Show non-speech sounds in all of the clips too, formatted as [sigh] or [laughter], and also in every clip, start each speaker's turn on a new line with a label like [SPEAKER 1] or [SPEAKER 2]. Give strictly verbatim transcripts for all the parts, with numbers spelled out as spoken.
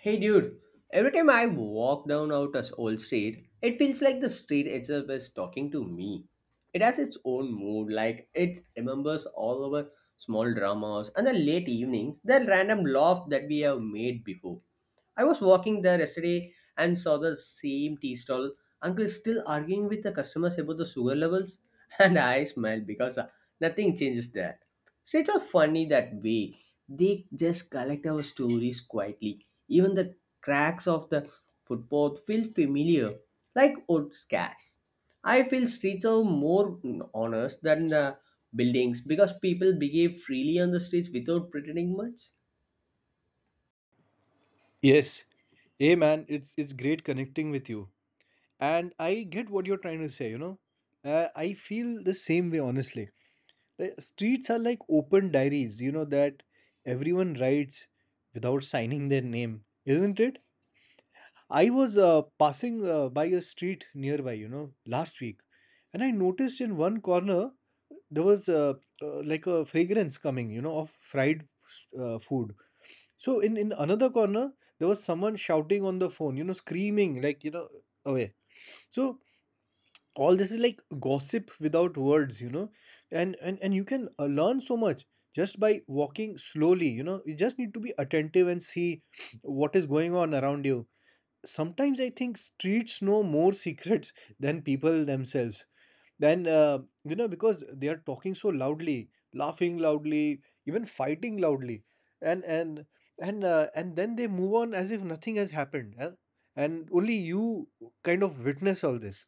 [SPEAKER 1] Hey dude, every time I walk down out a s- old street, it feels like the street itself is talking to me. It has its own mood, like it remembers all our small dramas and the late evenings, the random laugh that we have made before. I was walking there yesterday and saw the same tea stall uncle still arguing with the customers about the sugar levels, [laughs] and I smiled because uh, nothing changes there. States are funny that way. They just collect our stories quietly. Even the cracks of the footpath feel familiar, like old scars. I feel streets are more mm, honest than the buildings because people behave freely on the streets without pretending much.
[SPEAKER 2] Yes. Hey man, it's it's great connecting with you. And I get what you're trying to say, you know. Uh, I feel the same way honestly. Like, streets are like open diaries, you know that everyone writes without signing their name, isn't it? I was uh, passing uh, by a street nearby, you know, last week, and I noticed in one corner there was uh, uh, like a fragrance coming, you know, of fried uh, food. So in in another corner, there was someone shouting on the phone, you know, screaming like you know away. So all this is like gossip without words, you know, and and and you can uh, learn so much just by walking slowly. You know, you just need to be attentive and see what is going on around you. Sometimes I think streets know more [laughs] secrets than people themselves, then uh, you know because they are talking so loudly, laughing loudly, even fighting loudly, and and and uh, and then they move on as if nothing has happened, huh? And only you kind of witness all this.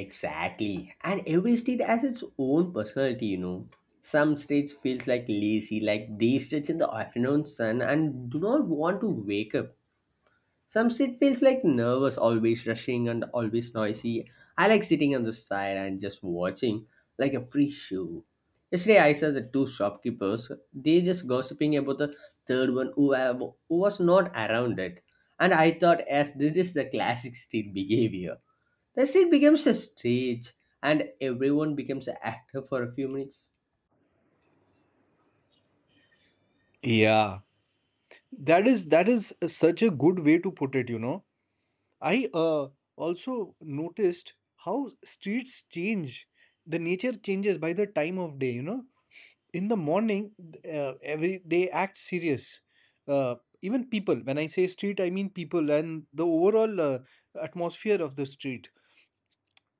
[SPEAKER 1] Exactly. And every state has its own personality, you know. Some states feels like lazy, like they stretch in the afternoon sun and do not want to wake up. Some state feels like nervous, always rushing and always noisy. I like sitting on the side and just watching like a free show. Yesterday I saw the two shopkeepers, they just gossiping about the third one who, have, who was not around it. And I thought as this is the classic state [laughs] behavior. The street becomes a stage and everyone becomes an actor for a few minutes.
[SPEAKER 2] Yeah, that is that is such a good way to put it, you know. I, uh, also noticed how streets change. The nature changes by the time of day, you know. In the morning, uh, every they act serious, uh, even people. When I say street, I mean people and the overall uh, atmosphere of the street.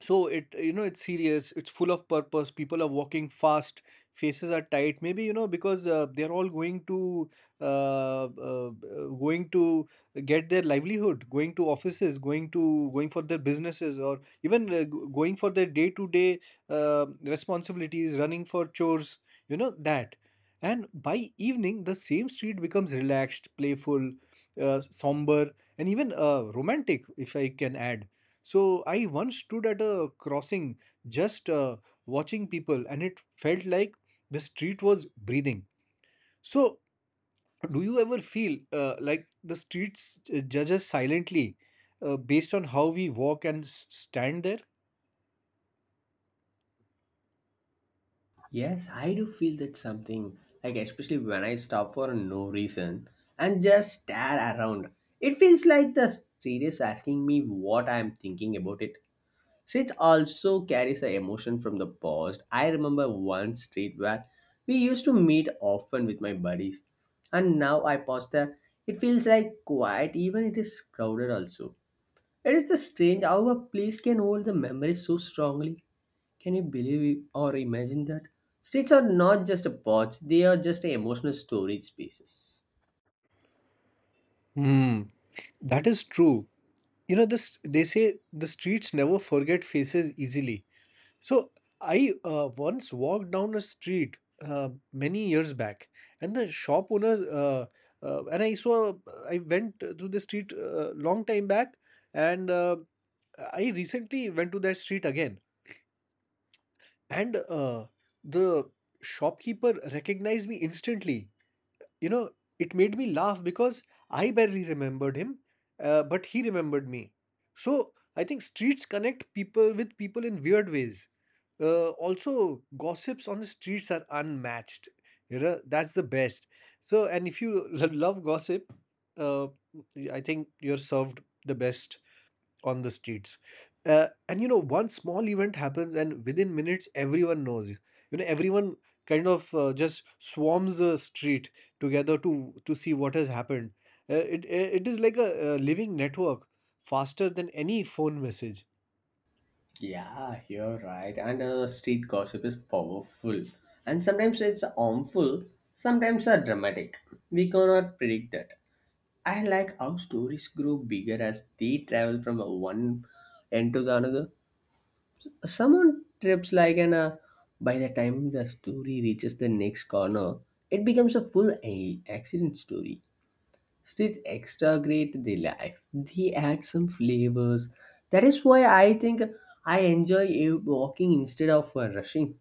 [SPEAKER 2] So it you know it's serious, it's full of purpose. People are walking fast, faces are tight, maybe you know because uh, they're all going to uh, uh, uh, going to get their livelihood, going to offices, going to going for their businesses, or even uh, g- going for their day to day responsibilities, running for chores, you know that And by evening the same street becomes relaxed, playful, uh, somber, and even uh, romantic, if I can add. So I once stood at a crossing, just uh, watching people, and it felt like the street was breathing. So, do you ever feel uh, like the streets uh, judge us silently, uh, based on how we walk and s- stand there?
[SPEAKER 1] Yes, I do feel that something, like especially when I stop for no reason and just stare around. It feels like the street is asking me what I am thinking about it. Street also carries an emotion from the past. I remember one street where we used to meet often with my buddies, and now I pause there. It feels like quiet, even it is crowded also. It is the strange how a place can hold the memory so strongly. Can you believe it or imagine that? Streets are not just a pots, they are just emotional storage spaces.
[SPEAKER 2] Hmm. That is true. You know, this They say the streets never forget faces easily. So I uh, once walked down a street, uh, many years back. And the shop owner uh, uh, and I saw I went through the street uh, long time back, and uh, I recently went to that street again, and uh, the shopkeeper recognized me instantly you know, it made me laugh because I barely remembered him, uh, but he remembered me. So I think streets connect people with people in weird ways. Uh, also, gossips on the streets are unmatched. You know, that's the best. So, and if you [laughs] lo- love gossip, uh, I think you're served the best on the streets. Uh, and you know, one small event happens and within minutes everyone knows you. You know Everyone kind of uh, just swarms the street together to to see what has happened. Uh, it uh, it is like a, a living network, faster than any phone message.
[SPEAKER 1] Yeah, you're right. And uh, street gossip is powerful. And sometimes it's harmful, sometimes are dramatic. We cannot predict that. I like how stories grow bigger as they travel from one end to the another. Someone trips like an uh, By the time the story reaches the next corner, it becomes a full a- accident story. Stitch extra great the life. They add some flavors. That is why I think I enjoy uh, walking instead of uh, rushing.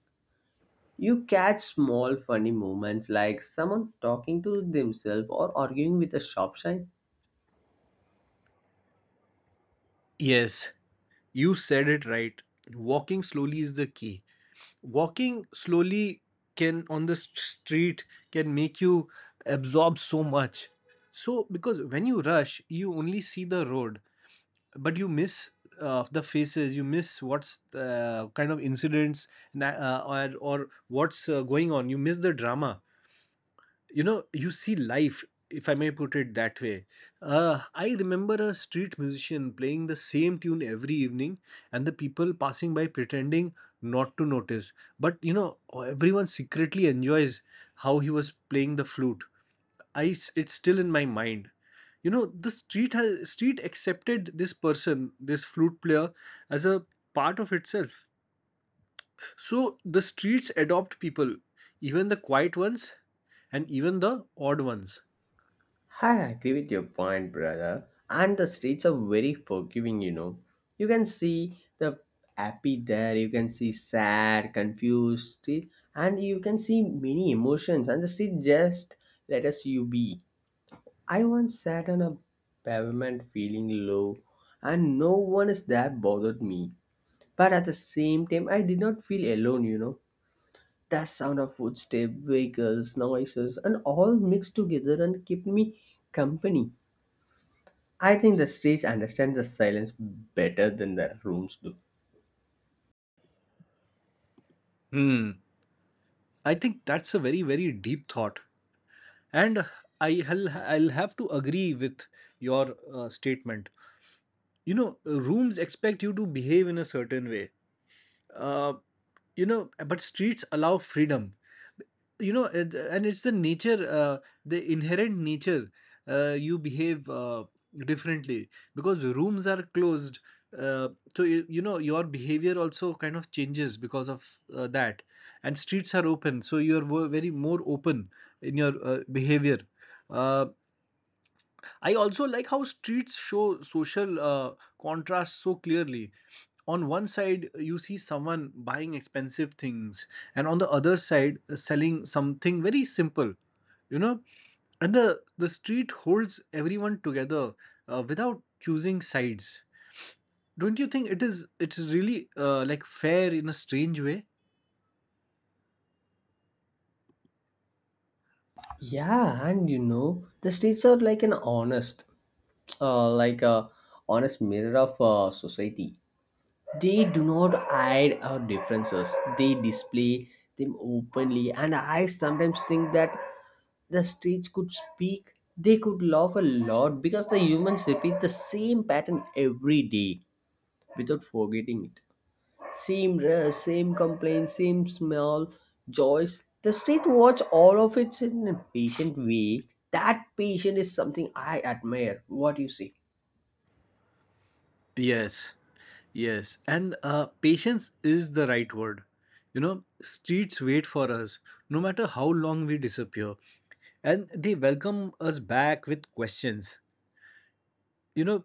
[SPEAKER 1] You catch small funny moments like someone talking to themselves or arguing with a shop sign.
[SPEAKER 2] Yes, you said it right. Walking slowly is the key. Walking slowly can, on the st- street, can make you absorb so much. So because when you rush, you only see the road, but you miss uh, the faces, you miss what's uh, kind of incidents, and uh, or or what's uh, going on, you miss the drama, you know, you see life, if I may put it that way. uh, I remember a street musician playing the same tune every evening, and the people passing by pretending not to notice. But you know, everyone secretly enjoys how he was playing the flute. I s- it's still in my mind. You know, the street has street accepted this person, this flute player, as a part of itself. So the streets adopt people, even the quiet ones and even the odd ones.
[SPEAKER 1] I agree with your point, brother. And the streets are very forgiving, you know. You can see the happy there, you can see sad, confused, see- and you can see many emotions. And the street just let us you be. I once sat on a pavement feeling low, and no one is there bothered me. But at the same time, I did not feel alone, you know. That sound of footsteps, vehicles, noises, and all mixed together and kept me company. I think the stage understands the silence better than the rooms do.
[SPEAKER 2] I think that's a very, very deep thought. And I'll, I'll have to agree with your uh, statement. You know, rooms expect you to behave in a certain way. uh, you know but streets allow freedom, you know it, and it's the nature, uh, the inherent nature. Uh, you behave uh, differently because rooms are closed, uh, so you, you know your behavior also kind of changes because of uh, that. And streets are open, so you're wo- very more open in your uh, behavior. Uh, I also like how streets show social, uh, contrast so clearly. On one side, you see someone buying expensive things, and on the other side, uh, selling something very simple. You know, and the the street holds everyone together uh, without choosing sides. Don't you think it is it is really, uh, like, fair in a strange way?
[SPEAKER 1] Yeah, and you know, the streets are like an honest, uh, like a honest mirror of uh, society. They do not hide our differences. They display them openly, and I sometimes think that the streets could speak. They could laugh a lot because the humans repeat the same pattern every day without forgetting it. Same rush, same complaint, same small joys. The state watch all of it in a patient way. That patient is something I admire. What do you say?
[SPEAKER 2] Yes, yes. And uh, patience is the right word. You know, streets wait for us, no matter how long we disappear, and they welcome us back with questions. You know,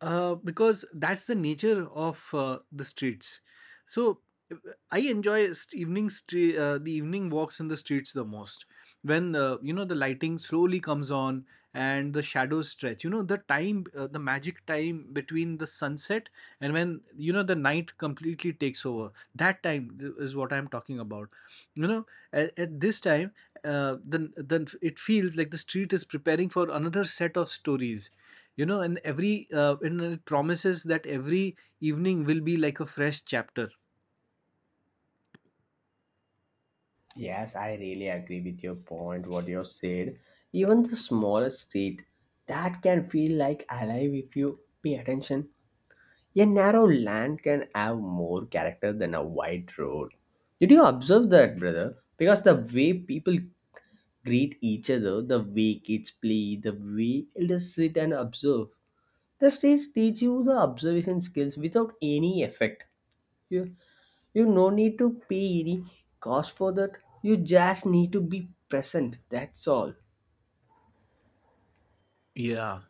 [SPEAKER 2] uh, because that's the nature of uh, the streets. So, uh, I enjoy st- evening stre- uh, the evening walks in the streets the most. When uh, you know the lighting slowly comes on and the shadows stretch. You know the time, uh, the magic time between the sunset and when you know the night completely takes over. That time th- is what I'm talking about. You know at, at this time, uh, then then it feels like the street is preparing for another set of stories. you know and every uh, and it promises that every evening will be like a fresh chapter.
[SPEAKER 1] Yes, I really agree with your point, what you said. Even the smallest state, that can feel like alive if you pay attention. A narrow land can have more character than a wide road. Did you observe that, brother? Because the way people greet each other, the way kids play, the way elders sit and observe. The stage teach you the observation skills without any effect. You, you no need to pay any cost for that. You just need to be present. That's all.
[SPEAKER 2] Yeah,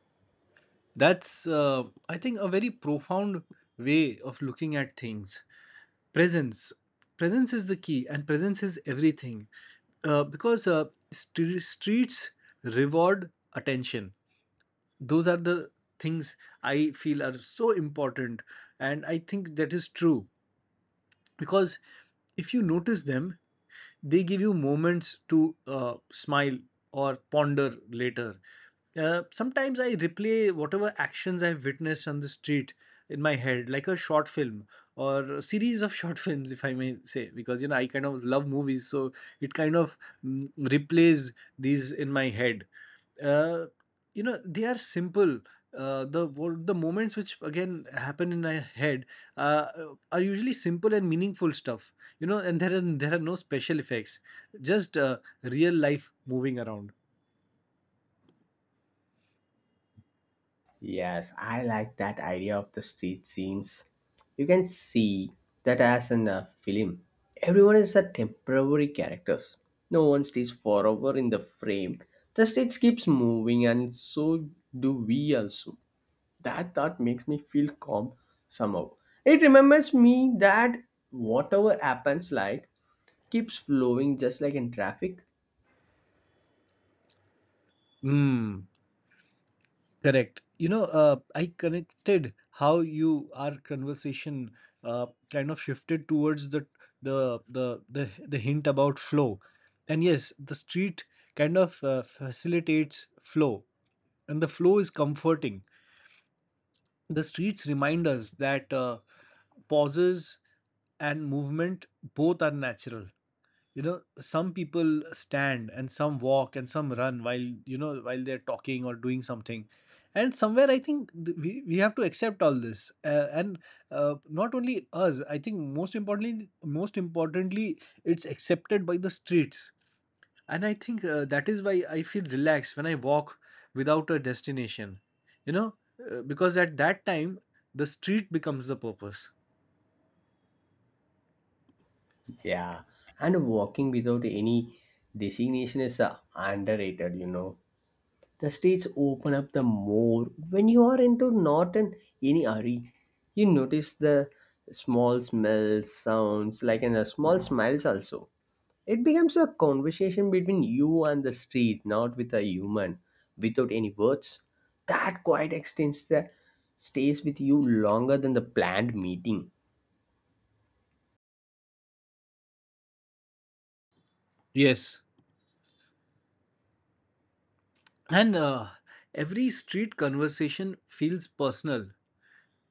[SPEAKER 2] that's, uh, I think, a very profound way of looking at things. Presence presence is the key, and presence is everything. Uh, because uh, stre- streets reward attention. Those are the things I feel are so important, and I think that is true, because if you notice them, they give you moments to uh, smile or ponder later. Uh, sometimes I replay whatever actions I've witnessed on the street in my head, like a short film or a series of [laughs] short films, if I may say, because you know, I kind of love movies. So it kind of, mm, replays these in my head. uh, you know they are simple. uh, the wo- the moments which again happen in my head, uh, are usually simple and meaningful stuff. You know, and there are there are no special effects, just uh, real life moving around.
[SPEAKER 1] Yes, I like that idea of the street scenes. You can see that as in a film. Everyone is a temporary characters. No one stays forever in the frame. The stage keeps moving and so do we also. That thought makes me feel calm somehow. It remembers me that whatever happens like keeps flowing just like in traffic.
[SPEAKER 2] Mm, correct. you know uh, I connected how you our conversation, uh, kind of shifted towards the the the the, the hint about flow. And yes, the street kind of uh, facilitates flow, and the flow is comforting. The streets remind us that, uh, pauses and movement both are natural. You know, some people stand and some walk and some run while you know while they're talking or doing something. And somewhere, I think th- we we have to accept all this, uh, and uh, not only us. I think most importantly, most importantly, it's accepted by the streets. And I think uh, that is why I feel relaxed when I walk without a destination. you know, uh, because at that time the street becomes the purpose.
[SPEAKER 1] Yeah. And walking without any designation is uh, underrated, you know the streets open up the more when you are into not in any hurry. You notice the small smells sounds like in the small smiles also. It becomes a conversation between you and the street, not with a human, without any words. That quiet extends the stays with you longer than the planned meeting.
[SPEAKER 2] Yes. And uh, every street conversation feels personal.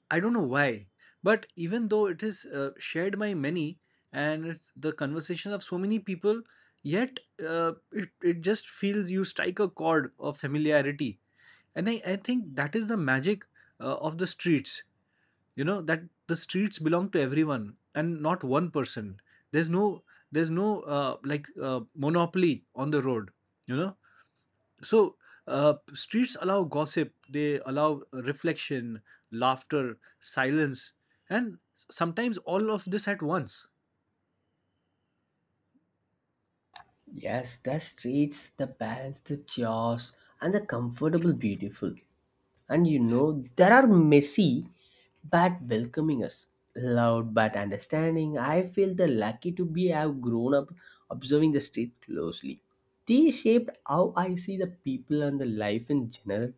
[SPEAKER 2] I don't know why, but even though it is uh, shared by many, and it's the conversation of so many people, yet, uh, it, it just feels you strike a chord of familiarity. And I, I think that is the magic uh, of the streets. You know that the streets belong to everyone and not one person. There's no there's no uh, like, uh, monopoly on the road, you know. So, uh, streets allow gossip, they allow reflection, laughter, silence, and sometimes all of this at once.
[SPEAKER 1] Yes, the streets the balance the chaos and the comfortable beautiful. And you know there are messy but welcoming us, loud but understanding. I feel the lucky to be have grown up observing the street closely. They shaped how I see the people and the life in general.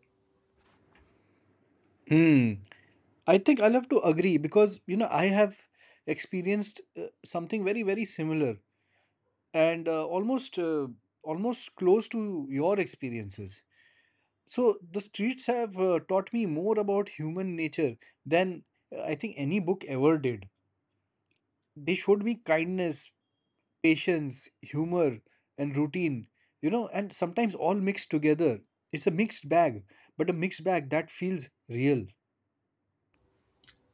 [SPEAKER 2] Hmm. I think I'll have to agree because, you know, I have experienced uh, something very, very similar, and uh, almost, uh, almost close to your experiences. So the streets have uh, taught me more about human nature than, uh, I think, any book ever did. They showed me kindness, patience, humor, and routine, you know, and sometimes all mixed together. It's a mixed bag, but a mixed bag that feels real.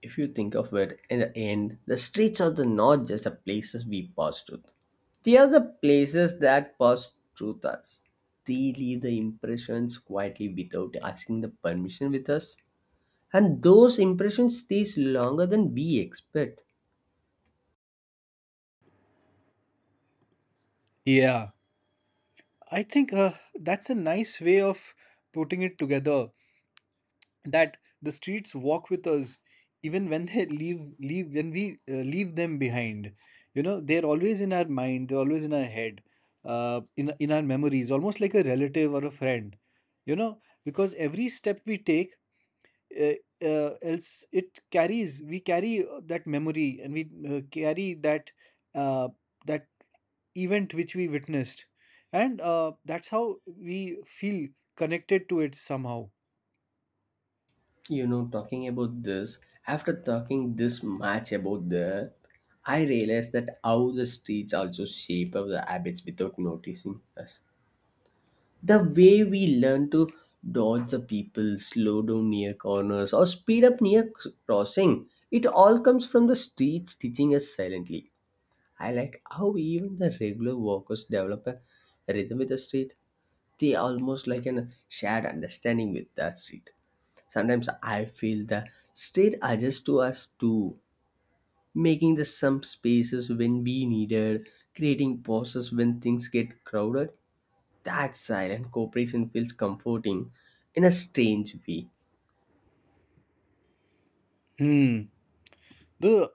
[SPEAKER 1] If you think of it, in the end the streets are the not just the places we pass through, they are the places that pass through us. They leave the impressions quietly without asking the permission with us, and those impressions stays longer than we expect.
[SPEAKER 2] Yeah, I think uh, that's a nice way of putting it together. That the streets walk with us even when they [laughs] leave leave when we uh, leave them behind. You know, they're always in our mind, they're always in our head, uh, in in our memories, almost like a relative or a friend, you know. Because every step we take, uh, uh, else it carries we carry uh, that memory, and we uh, carry that, uh, that event which we witnessed. And uh, that's how we feel connected to it somehow.
[SPEAKER 1] You know, talking about this, after talking this much about the, I realized that how the streets also shape our habits without noticing us. The way we learn to dodge the people, slow down near corners or speed up near c- crossing, it all comes from the streets teaching us silently. I like how even the regular walkers develop a rhythm with the street. They almost like an shared understanding with that street. Sometimes I feel the state adjusts to us too, making the some spaces when we needed, creating pauses when things get crowded. That silent cooperation feels comforting in a strange way.
[SPEAKER 2] Hmm. the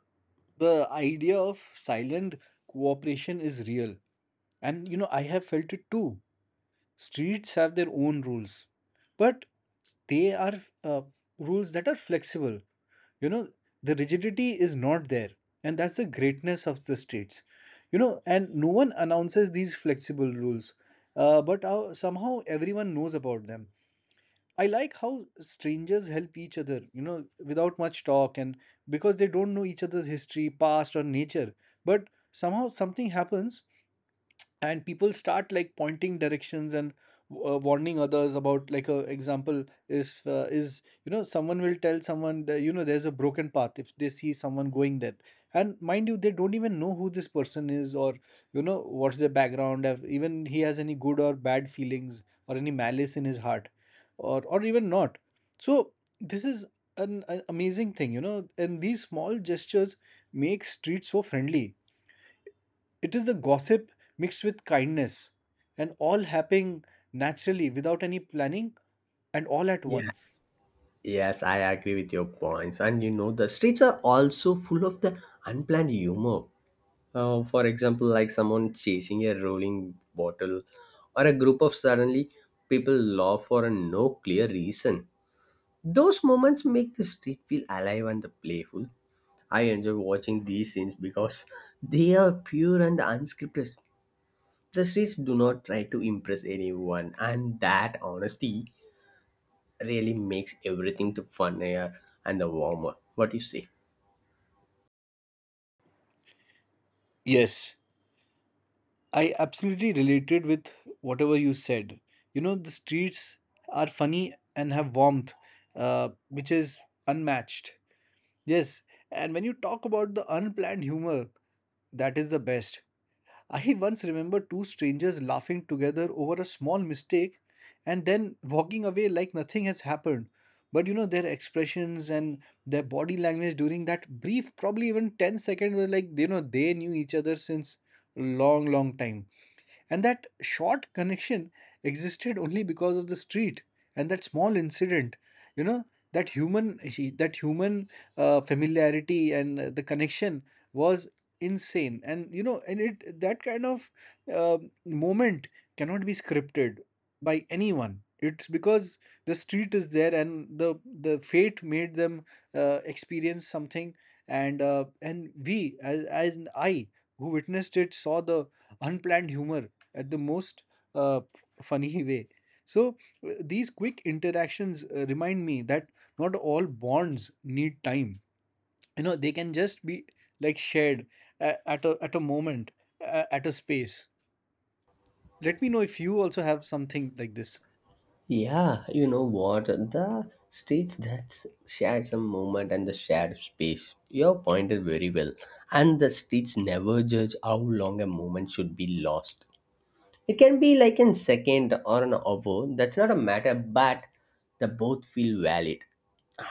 [SPEAKER 2] the idea of silent cooperation is real, and you know, I have felt it too. Streets have their own rules, but they are, uh, rules that are flexible, you know. The rigidity is not there, and that's the greatness of the streets. You know, and no one announces these flexible rules, uh, but uh, somehow everyone knows about them. I like how strangers help each other, you know, without much talk, and because they don't know each other's history, past, or nature. But somehow something happens, and people start like pointing directions and uh, warning others. About like a example is uh, is you know, someone will tell someone that, you know, there's a broken path if they see someone going there. And mind you, they don't even know who this person is, or, you know, what's their background, if even he has any good or bad feelings or any malice in his heart, or or even not. So this is an, an amazing thing, you know, and these small gestures make streets so friendly. It is the gossip mixed with kindness, and all happening naturally without any planning, and all at
[SPEAKER 1] Yeah.
[SPEAKER 2] once.
[SPEAKER 1] Yes, I agree with your points. And you know, the streets are also full of the unplanned humor. Uh, for example, like someone chasing a rolling bottle, or a group of suddenly people laugh for a no clear reason. Those moments make the street feel alive and playful. I enjoy watching these scenes because they are pure and unscripted. The streets do not try to impress anyone, and that honesty really makes everything the funnier and the warmer. What do you say?
[SPEAKER 2] Yes, I absolutely related with whatever you said. You know, the streets are funny and have warmth, uh, which is unmatched. Yes, and when you talk about the unplanned humor, that is the best. I once remember two strangers laughing together over a small mistake and then walking away like nothing has happened. But you know, their expressions and their body language during that brief, probably even ten seconds, were like, you know, they knew each other since long, long time. And that short connection existed only because of the street and that small incident, you know, that human, that human uh, familiarity and uh, the connection was insane. And you know, and it that kind of, uh, moment cannot be scripted by anyone. It's because the street is there and the the fate made them uh, experience something. And uh, and we as, as an I who witnessed it saw the unplanned humor at the most uh, funny [laughs] way. So uh, these quick interactions uh, remind me that not all bonds need time. You know, they can just be like shared, a- at a, at a moment, a- at a space. Let me know if you also have something like this.
[SPEAKER 1] Yeah, you know what? The streets that share some moment and the shared space. Your point is very well. And the streets never judge how long a moment should be lost. It can be like in second or an hour. That's not a matter, but the both feel valid.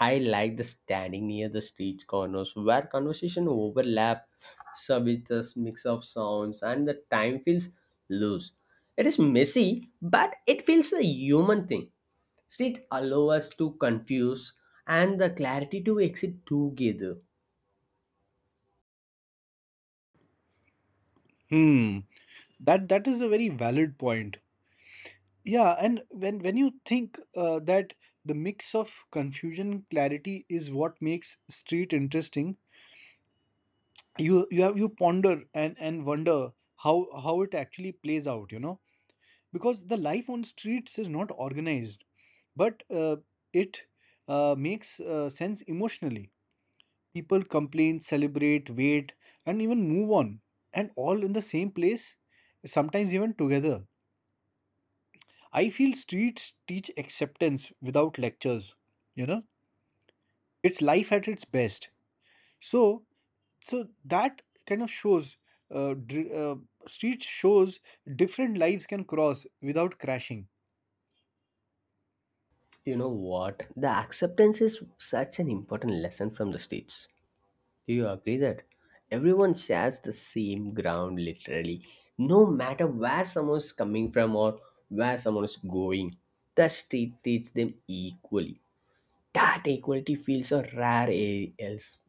[SPEAKER 1] I like the standing near the street corners where conversation overlap, so with this mix of sounds and the time feels loose. It is messy, but it feels a human thing. Streets allow us to confuse and the clarity to exit together.
[SPEAKER 2] Hmm. That that is a very valid point. Yeah, and when when you think uh, that the mix of confusion, clarity is what makes street interesting. You you have you ponder and and wonder how how it actually plays out, you know. Because the life on streets is not organized, but uh, it uh, makes uh, sense emotionally. People complain, celebrate, wait, and even move on, and all in the same place, sometimes even together. I feel streets teach acceptance without lectures, you know. It's life at its best. So, so that kind of shows, uh, dr- uh, street shows different lives can cross without crashing.
[SPEAKER 1] You know what? The acceptance is such an important lesson from the streets. Do you agree that everyone shares the same ground literally? No matter where someone is coming from or where someone is going, the state treats them equally. That equality feels a rare a- else.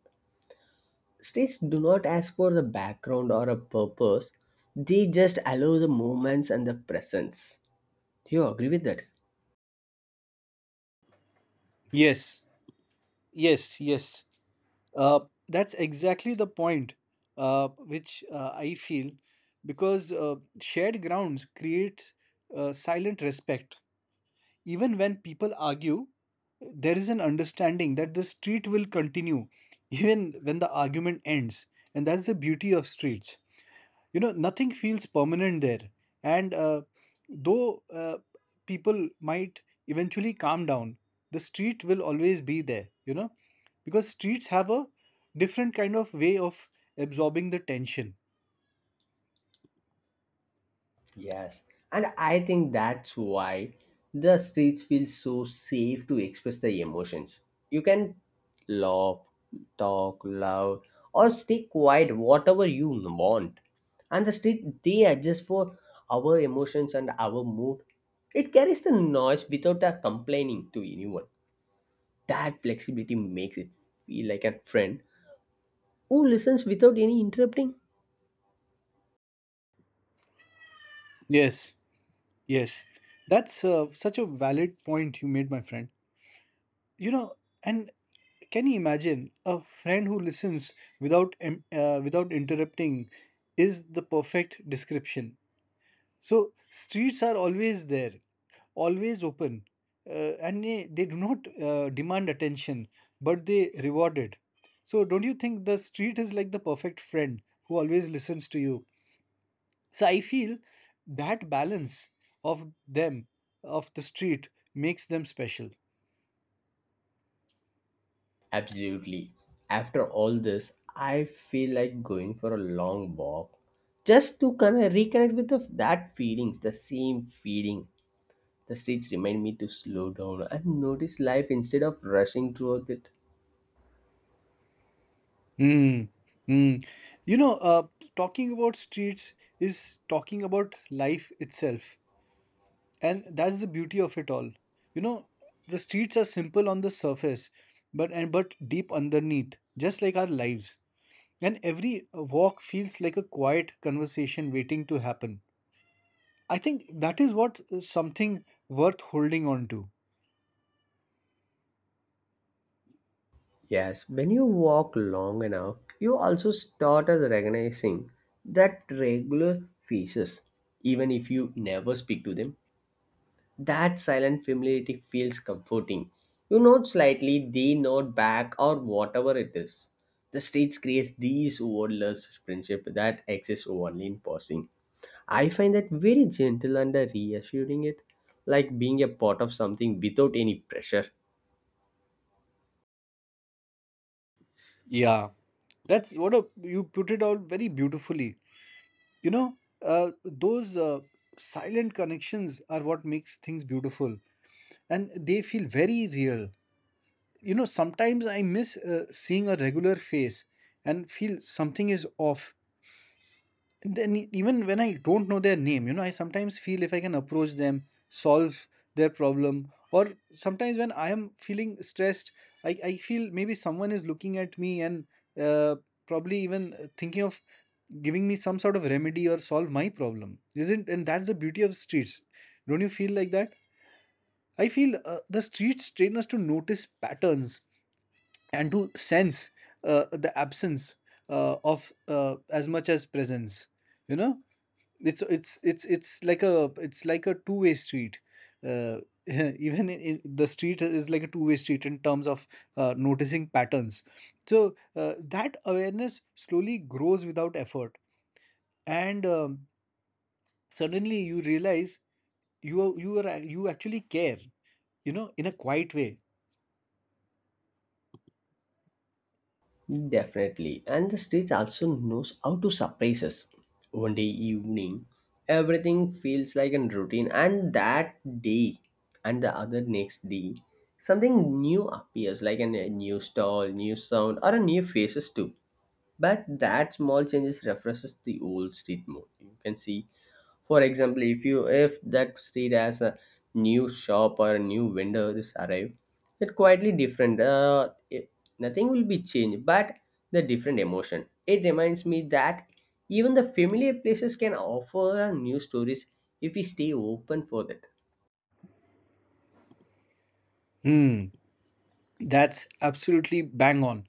[SPEAKER 1] States do not ask for the background or a purpose, they just allow the moments and the presence. Do you agree with that?
[SPEAKER 2] Yes, yes, yes. Uh, that's exactly the point uh, which uh, I feel. Because uh, shared grounds creates uh, silent respect. Even when people argue, there is an understanding that the street will continue even when the argument ends. And that's the beauty of streets, you know. Nothing feels permanent there. And uh, though uh, people might eventually calm down, the street will always be there, you know, because streets have a different kind of way of absorbing the tension.
[SPEAKER 1] Yes, and I think that's why the streets feel so safe to express the emotions. You can laugh, talk loud, or stay quiet, whatever you want. And the street, they adjust for our emotions and our mood. It carries the noise without a complaining to anyone. That flexibility makes it feel like a friend who listens without any interrupting.
[SPEAKER 2] Yes. Yes, that's uh, such a valid point you made, my friend. You know, and can you imagine a friend who listens without em- uh, without interrupting is the perfect description. So streets are always there, always open, uh, and they, they do not uh, demand attention, but they reward it. So don't you think the street is like the perfect friend who always listens to you? So I feel that balance of them, of the street, makes them special.
[SPEAKER 1] Absolutely. After all this, I feel like going for a long walk just to kind of reconnect with the, that feelings, the same feeling. The streets remind me to slow down and notice life instead of rushing through it.
[SPEAKER 2] Mm, mm. You know, uh, talking about streets is talking about life itself. And that's the beauty of it all. You know, the streets are simple on the surface, but and but deep underneath, just like our lives. And every uh, walk feels like a quiet conversation waiting to happen. I think that is what uh, something worth holding on to.
[SPEAKER 1] Yes, when you walk long enough, you also start as recognizing that regular faces, even if you never speak to them. That silent familiarity feels comforting. You nod slightly, they nod back, or whatever it is. The streets creates these wordless friendship that exists only in passing. I find that very gentle and reassuring. It like being a part of something without any pressure.
[SPEAKER 2] Yeah, that's what a, you put it out very beautifully. You know, uh, those uh, silent connections are what makes things beautiful, and they feel very real. You know, sometimes I miss uh, seeing a regular face and feel something is off. Then e- even when I don't know their name, you know, I sometimes feel if I can approach them, solve their problem. Or sometimes when I am feeling stressed, I, I feel maybe someone is looking at me and uh, probably even uh, thinking of giving me some sort of remedy or solve my problem. Isn't, and that's the beauty of streets. Don't you feel like that? I feel uh, the streets train us to notice patterns and to sense uh, the absence uh, of, uh, as much as presence. You know, it's it's it's it's like a it's like a two-way street. uh, [laughs] Even in, in the street is like a two-way street in terms of uh, noticing patterns. So uh, that awareness slowly grows without effort. And um, suddenly you realize you are, you are you actually care, you know, in a quiet way.
[SPEAKER 1] Definitely. And the stage also knows how to surprise us. One day evening, everything feels like a routine, and that day and the other next day, something new appears like an- a new stall, new sound, or a new faces too. But that small changes refreshes the old street mode. You can see for example, if you if that street has a new shop or a new vendor this arrive, it quietly different. Uh, it, nothing will be changed, but the different emotion. It reminds me that even the familiar places can offer a new stories if we stay open for that.
[SPEAKER 2] Hmm. That's absolutely bang on.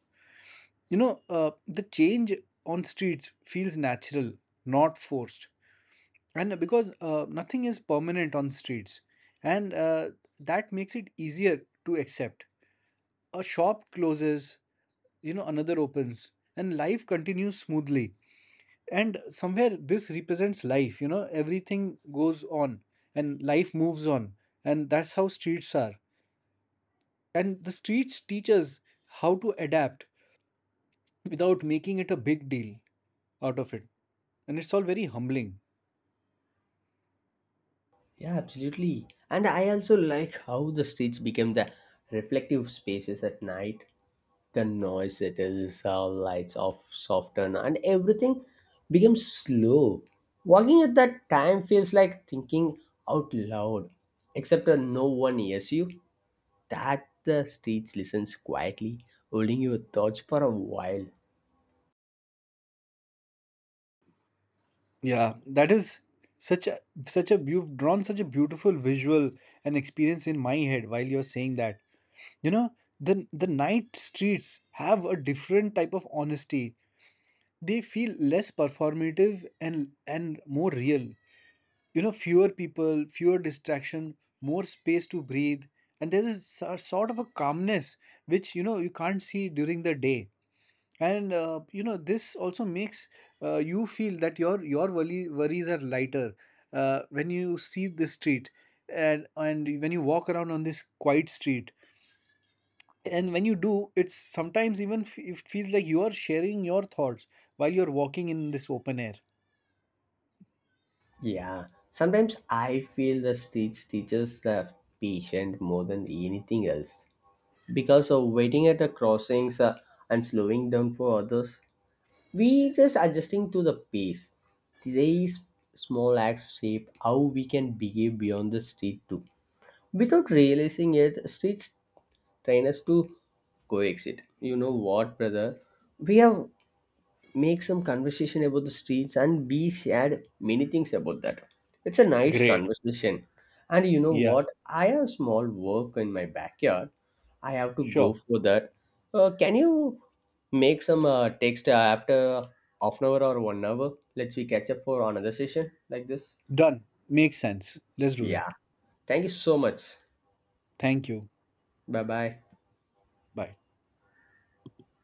[SPEAKER 2] You know, uh, the change on streets feels natural, not forced. And because uh, nothing is permanent on streets. And uh, that makes it easier to accept. A shop closes, you know, another opens, and life continues smoothly. And somewhere this represents life, you know, everything goes on and life moves on. And that's how streets are. And the streets teach us how to adapt without making it a big deal out of it. And it's all very humbling.
[SPEAKER 1] Yeah, absolutely. And I also like how the streets became the reflective spaces at night. The noise settles, our lights off soften, and everything becomes slow. Walking at that time feels like thinking out loud, except that no one hears you. That the streets listens quietly, holding your thoughts for a while.
[SPEAKER 2] Yeah, that is such a, such a you've drawn such a beautiful visual and experience in my head while you're saying that. You know, the the night streets have a different type of honesty. They feel less performative, and and more real. You know, fewer people, fewer distraction, more space to breathe, and there's a so- sort of a calmness which, you know, you can't see during the day. And uh, you know, this also makes uh, you feel that your, your worry, worries are lighter uh, when you see this street. And and when you walk around on this quiet street, and when you do, it's sometimes even f- it feels like you are sharing your thoughts while you're walking in this open air.
[SPEAKER 1] Yeah, sometimes I feel the streets teaches the patient more than anything else because of waiting at the crossings uh, and slowing down for others. We just adjusting to the pace. These small acts shape how we can behave beyond the street too. Without realizing it, streets train us to coexist. You know what, brother, we have make some conversation about the streets and we shared many things about that. It's a nice
[SPEAKER 2] Great.
[SPEAKER 1] conversation. And you know
[SPEAKER 2] Yeah.
[SPEAKER 1] what, I have small work in my backyard. I have to go
[SPEAKER 2] Sure.
[SPEAKER 1] for that. Uh, can you make some uh, text uh, after half an hour or one hour, let's we catch up for another session like this.
[SPEAKER 2] Done, makes sense, let's do that.
[SPEAKER 1] Yeah, thank you so much.
[SPEAKER 2] Thank you.
[SPEAKER 1] Bye bye.
[SPEAKER 2] Bye.